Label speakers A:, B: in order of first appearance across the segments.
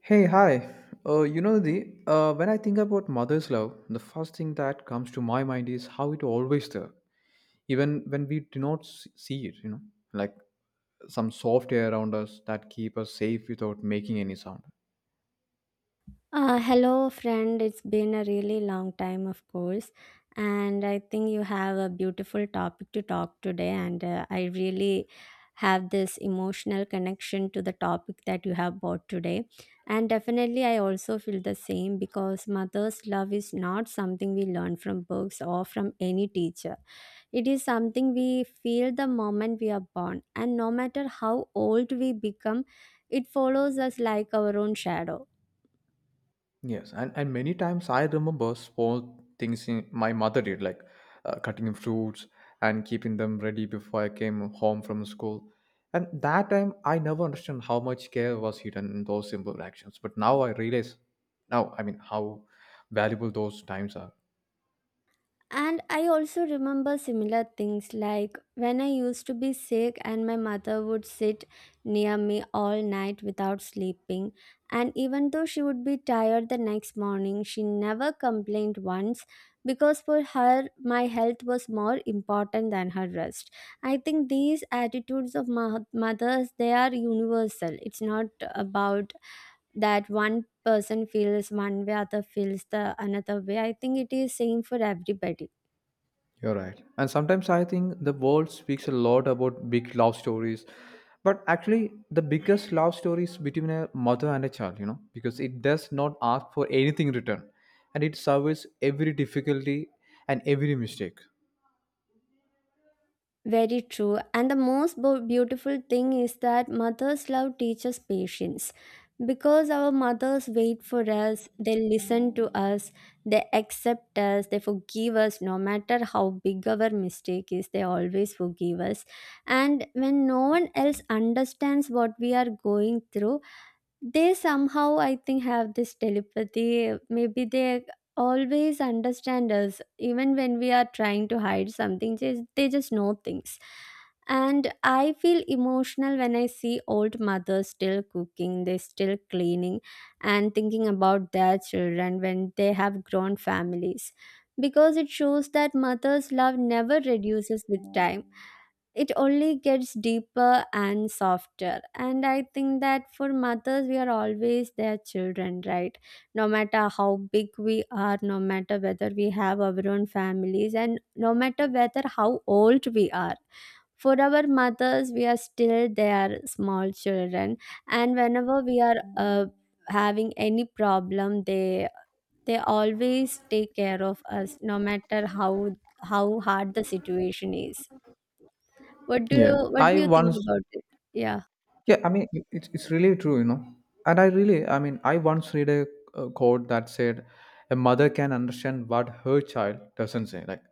A: Hey, hi. You know, the when I think about mother's love, the first thing that comes to my mind is how it always there, even when we do not see it. Like some soft air around us that keep us safe without making any sound.
B: Hello, friend. It's been a really long time, of course, and I think you have a beautiful topic to talk today. And I really have this emotional connection to the topic that you have brought today. And definitely, I also feel the same because mother's love is not something we learn from books or from any teacher. It is something we feel the moment we are born, and no matter how old we become, it follows us like our own shadow.
A: Yes, and many times I remember small things in, my mother did, like cutting fruits and keeping them ready before I came home from school. And that time I never understood how much care was hidden in those simple actions. But now I realize, now I mean, how valuable those times are.
B: And I also remember similar things like when I used to be sick, and my mother would sit near me all night without sleeping. And even though she would be tired the next morning, she never complained once because for her, my health was more important than her rest. I think these attitudes of mothers, they are universal. It's not about that one person feels one way, other feels the another way. I think it is same for everybody.
A: You're right. And sometimes I think the world speaks a lot about big love stories. But actually, the biggest love story is between a mother and a child, you know, because it does not ask for anything in return and it surveys every difficulty and every mistake.
B: Very true. And the most beautiful thing is that mother's love teaches patience. Because our mothers wait for us, they listen to us, they accept us, they forgive us no matter how big our mistake is, they always forgive us. And when no one else understands what we are going through, they somehow, I think, have this telepathy. Maybe they always understand us even when we are trying to hide something. Just, they just know things, and I feel emotional when I see old mothers still cooking, they still cleaning and thinking about their children when they have grown families, because it shows that mothers love never reduces with time. It only gets deeper and softer. And I think that for mothers, we are always their children, right? No matter how big we are, no matter whether we have our own families, and no matter whether how old we are, for our mothers we are still their small children. And whenever we are having any problem, they always take care of us no matter how hard the situation is.
A: Yeah.
B: What do
A: I
B: you
A: once
B: think about it? Yeah.
A: Yeah, I mean, it's really true, you know. And I really, I mean, I once read a quote that said, a mother can understand what her child doesn't say. Like,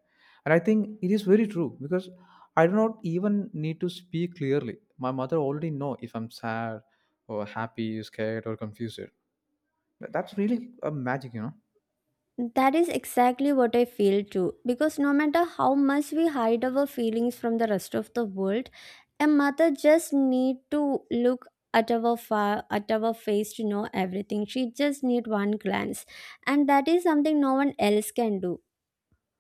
A: and I think it is very true because I do not even need to speak clearly. My mother already know if I'm sad or happy, scared or confused. That's really a magic, you know.
B: That is exactly what I feel too. Because no matter how much we hide our feelings from the rest of the world, a mother just need to look at our at our face to know everything. She just need one glance, and that is something no one else can do.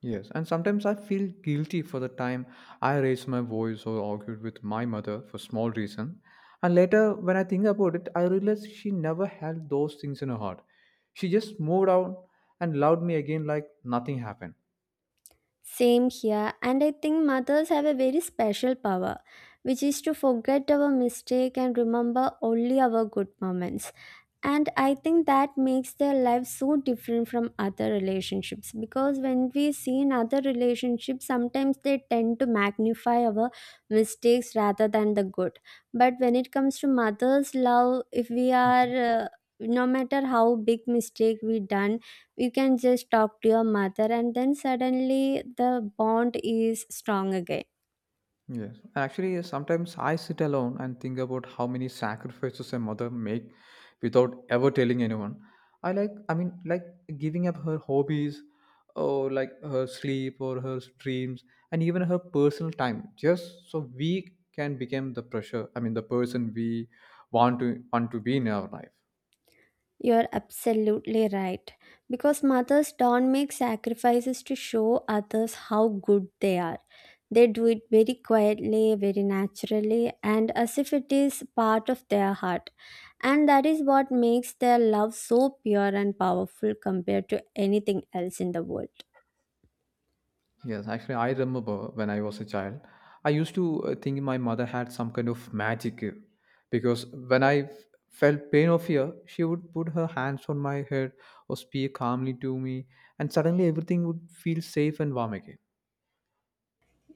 A: Yes, and sometimes I feel guilty for the time I raised my voice or argued with my mother for small reason. And later, when I think about it, I realize she never held those things in her heart. She just moved on and loved me again like nothing happened.
B: Same here, and I think mothers have a very special power, which is to forget our mistake and remember only our good moments. And I think that makes their life so different from other relationships, because when we see in other relationships, sometimes they tend to magnify our mistakes rather than the good. But when it comes to mother's love, if we are no matter how big mistake we done, you can just talk to your mother and then suddenly the bond is strong again.
A: Yes. Actually, sometimes I sit alone and think about how many sacrifices a mother make without ever telling anyone. I like, I mean, like giving up her hobbies or like her sleep or her dreams and even her personal time just so we can become the pressure, I mean, the person we want to be in our life.
B: You're absolutely right. Because mothers don't make sacrifices to show others how good they are. They do it very quietly, very naturally, and as if it is part of their heart. And that is what makes their love so pure and powerful compared to anything else in the world.
A: Yes, actually, I remember when I was a child, I used to think my mother had some kind of magic because when I felt pain or fear, she would put her hands on my head or speak calmly to me, and suddenly everything would feel safe and warm again.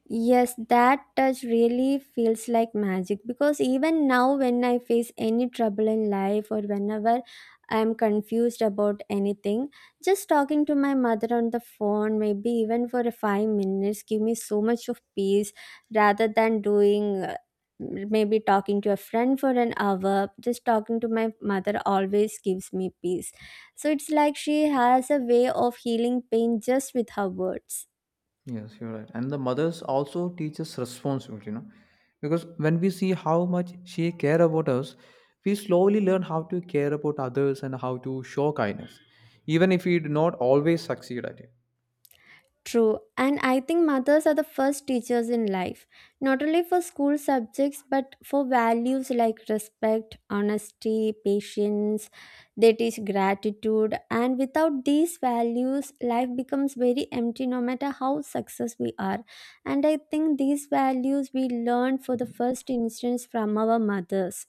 B: Yes, that touch really feels like magic because even now, when I face any trouble in life or whenever I'm confused about anything, just talking to my mother on the phone, maybe even for a 5 minutes, give me so much of peace rather than doing maybe talking to a friend for an hour. Just talking to my mother always gives me peace. So it's like she has a way of healing pain just with her words.
A: Yes, you're right. And the mothers also teach us responsibility, you know, because when we see how much she care about us, we slowly learn how to care about others and how to show kindness, even if we do not always succeed at it.
B: True, and I think mothers are the first teachers in life, not only for school subjects but for values like respect, honesty, patience. They teach gratitude, and without these values, life becomes very empty no matter how successful we are. And I think these values we learn for the first instance from our mothers.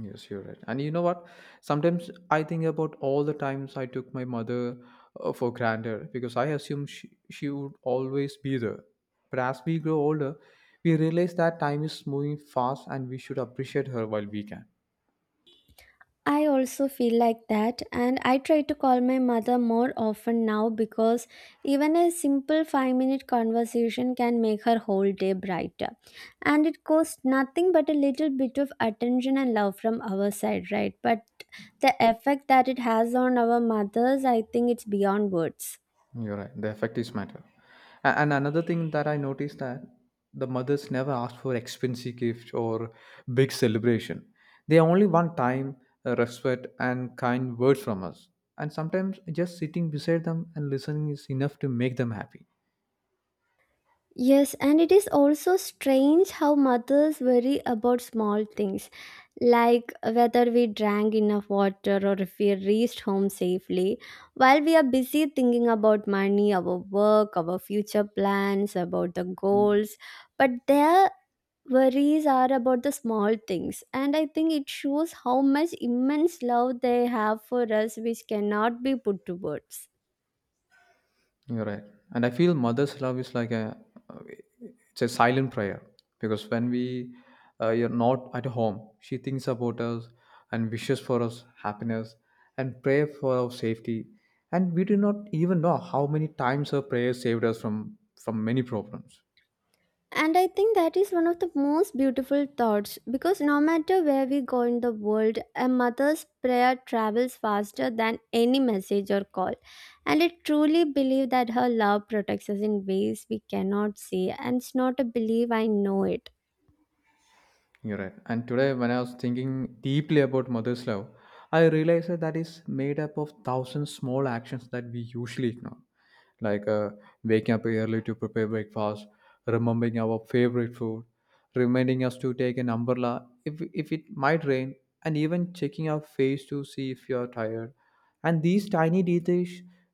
A: Yes, you're right. And you know what? Sometimes I think about all the times I took my mother for granted because I assumed she would always be there. But as we grow older, we realize that time is moving fast and we should appreciate her while we can.
B: I also feel like that, and I try to call my mother more often now because even a simple 5 minute conversation can make her whole day brighter. And it costs nothing but a little bit of attention and love from our side, right? But the effect that it has on our mothers, I think it's beyond words.
A: You're right. The effect is matter. And another thing that I noticed that the mothers never asked for expensive gift or big celebration. They only want time, respect, and kind words from us. And sometimes just sitting beside them and listening is enough to make them happy.
B: Yes, and it is also strange how mothers worry about small things like whether we drank enough water or if we reached home safely, while we are busy thinking about money, our work, our future plans, about the goals. But their worries are about the small things, and I think it shows how much immense love they have for us, which cannot be put to words.
A: You're right. And I feel mother's love is like a silent prayer because when we you're not at home, she thinks about us and wishes for us happiness and pray for our safety. And we do not even know how many times her prayers saved us from many problems.
B: And I think that is one of the most beautiful thoughts, because no matter where we go in the world, a mother's prayer travels faster than any message or call. And I truly believe that her love protects us in ways we cannot see, and it's not a belief, I know it.
A: You're right. And today, when I was thinking deeply about mother's love, I realized that that is made up of thousands small actions that we usually ignore, like waking up early to prepare breakfast, remembering our favorite food, reminding us to take an umbrella if it might rain, and even checking our face to see if you are tired. And these tiny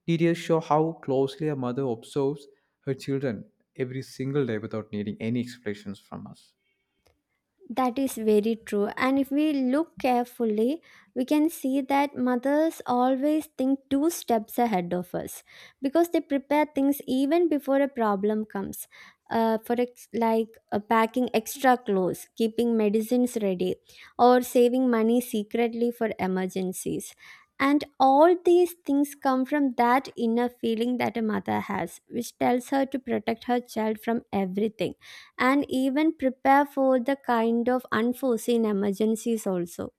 A: details show how closely a mother observes her children every single day without needing any explanations from us.
B: That is very true. And if we look carefully, we can see that mothers always think two steps ahead of us, because they prepare things even before a problem comes. For like packing extra clothes, keeping medicines ready, or saving money secretly for emergencies. And all these things come from that inner feeling that a mother has, which tells her to protect her child from everything and even prepare for the kind of unforeseen emergencies also.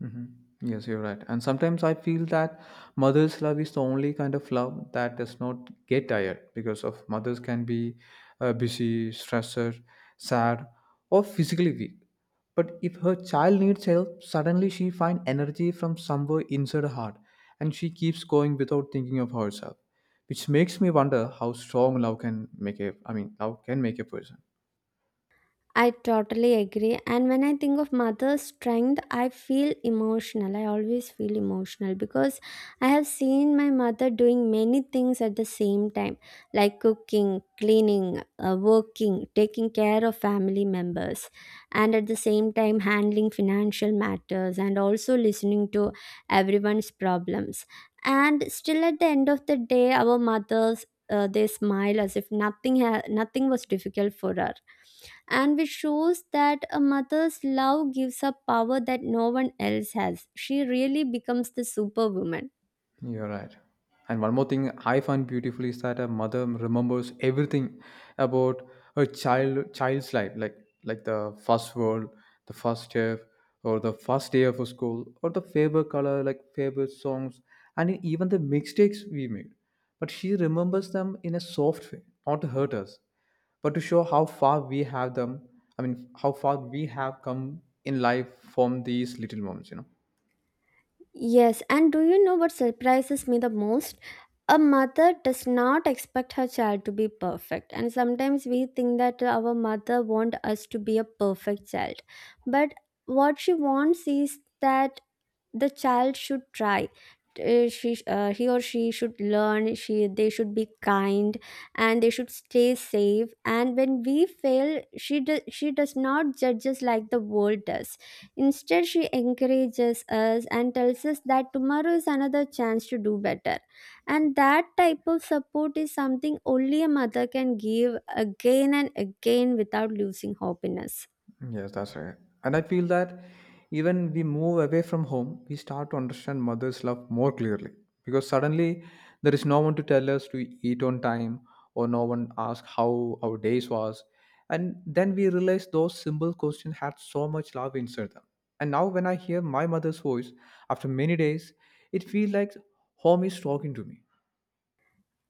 A: Hmm. Yes, you're right. And sometimes I feel that mother's love is the only kind of love that does not get tired because of mothers can be busy, stressor, sad, or physically weak. But if her child needs help, suddenly she finds energy from somewhere inside her heart, and she keeps going without thinking of herself, which makes me wonder how strong love can make a. I mean, love can make a person.
B: I totally agree. And when I think of mother's strength, I feel emotional. I always feel emotional because I have seen my mother doing many things at the same time, like cooking, cleaning, working, taking care of family members, and at the same time, handling financial matters and also listening to everyone's problems. And still, at the end of the day, our mothers. They smile as if nothing was difficult for her, and which shows that a mother's love gives her power that no one else has. She really becomes the superwoman.
A: You're right. And one more thing I find beautiful is that a mother remembers everything about her child's life, like the first world, the first chef, or the first day of a school, or the favorite color, like favorite songs, and even the mistakes we made. But she remembers them in a soft way, not to hurt us, but to show how far we have them. How far we have come in life from these little moments, you know.
B: Yes, and do you know what surprises me the most? A mother does not expect her child to be perfect, and sometimes we think that our mother wants us to be a perfect child. But what she wants is that the child should try. She He or she should learn, she they should be kind and they should stay safe. And when we fail, she does not judge us like the world does. Instead, she encourages us and tells us that tomorrow is another chance to do better, and that type of support is something only a mother can give, again and again, without losing hope in us.
A: Yes, that's right. And I feel that even we move away from home, we start to understand mother's love more clearly because suddenly there is no one to tell us to eat on time or no one ask how our days was. And then we realize those simple questions had so much love inside them. And now when I hear my mother's voice after many days, it feels like home is talking to me.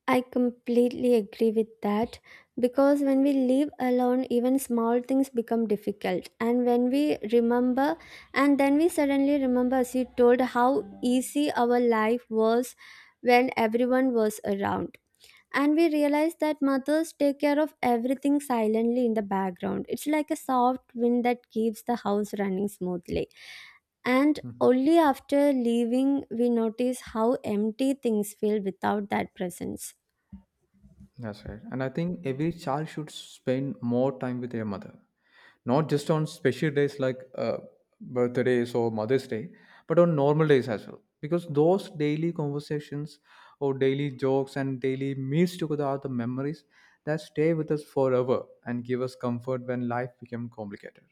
B: I completely agree with that, because when we live alone, even small things become difficult. And then we suddenly remember, as you told, how easy our life was when everyone was around. And we realize that mothers take care of everything silently in the background. It's like a soft wind that keeps the house running smoothly. And
A: Hmm.
B: only after leaving, we notice how empty things feel without that presence.
A: That's right. And I think every child should spend more time with their mother, not just on special days like birthdays or Mother's Day, but on normal days as well. Because those daily conversations or daily jokes and daily meals together are the memories that stay with us forever and give us comfort when life becomes complicated.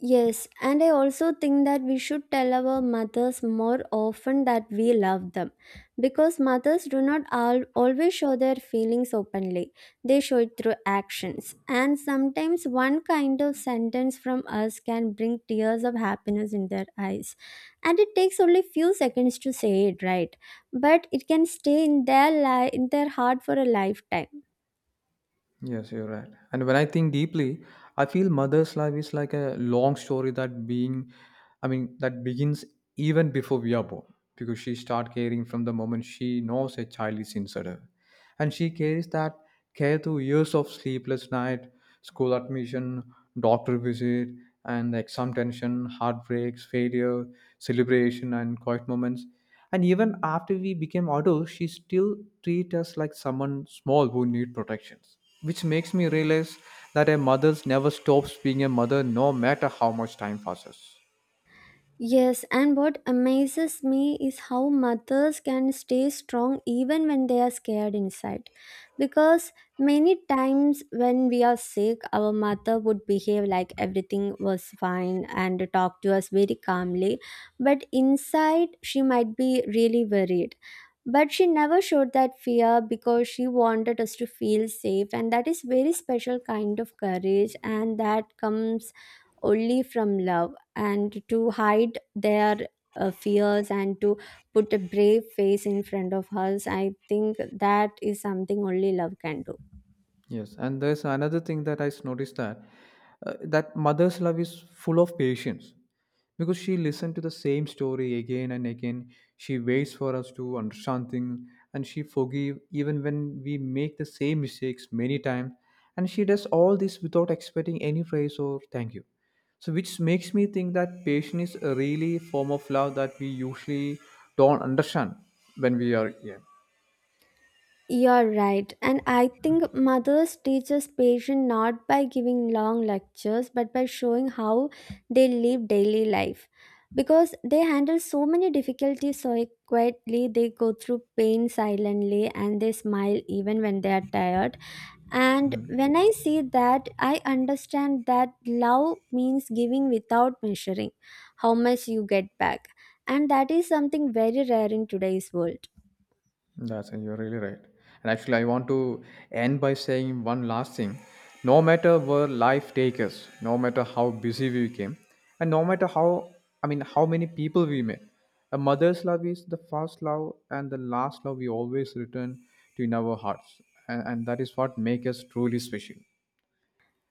B: Yes, and I also think that we should tell our mothers more often that we love them, because mothers do not always show their feelings openly. They show it through actions, and sometimes one kind of sentence from us can bring tears of happiness in their eyes. And it takes only few seconds to say it right, but it can stay in their in their heart for a lifetime.
A: Yes, you're right. And when I think deeply, I feel mother's life is like a long story that being, I mean, that begins even before we are born, because she starts caring from the moment she knows a child is inside her, and she carries that care through years of sleepless night, school admission, doctor visit, and the exam tension, heartbreaks, failure, celebration, and quiet moments and even after we became adults, she still treats us like someone small who need protections. Which makes me realize that a mother never stops being a mother no matter how much time passes.
B: Yes, and what amazes me is how mothers can stay strong even when they are scared inside. Because many times when we are sick, our mother would behave like everything was fine and talk to us very calmly. But inside, she might be really worried. But she never showed that fear because she wanted us to feel safe, and that is very special kind of courage, and that comes only from love. And to hide their fears and to put a brave face in front of us, I think that is something only love can do.
A: Yes, and there's another thing that I noticed that that mother's love is full of patience because she listened to the same story again and again. She waits for us to understand things, and she forgive even when we make the same mistakes many times. And she does all this without expecting any praise or thank you. So, which makes me think that patience is a really form of love that we usually don't understand when we are young.
B: You're right. And I think mothers teach us patience not by giving long lectures, but by showing how they live daily life. Because they handle so many difficulties so quietly, they go through pain silently and they smile even when they are tired. And
A: Mm-hmm.
B: when I see that, I understand that love means giving without measuring how much you get back. And that is something very rare in today's world.
A: That's and you're really right. And actually, I want to end by saying one last thing. No matter where life takes us, no matter how busy we became, and no matter how I mean how many people we met, a mother's love is the first love and the last love we always return to in our hearts, and that is what makes us truly special.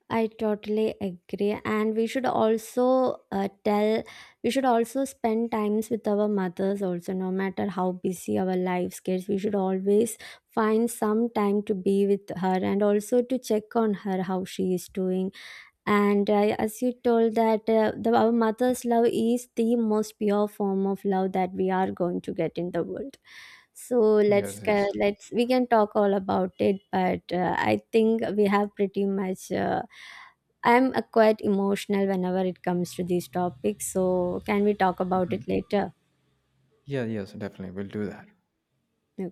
B: I totally agree. And we should also we should also spend times with our mothers also, no matter how busy our lives gets. We should always find some time to be with her and also to check on her, how she is doing. And as you told that our mother's love is the most pure form of love that we are going to get in the world. So
A: Yes, yes.
B: let's, we can talk all about it, but I think we have pretty much. I'm quite emotional whenever it comes to these topics, so can we talk about
A: Mhm.
B: it later?
A: Yeah, yes, definitely. We'll do that.
B: Okay.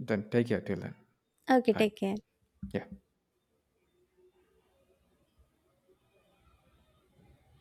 A: Then take care till then.
B: Okay.
A: Bye.
B: Take care.
A: Yeah.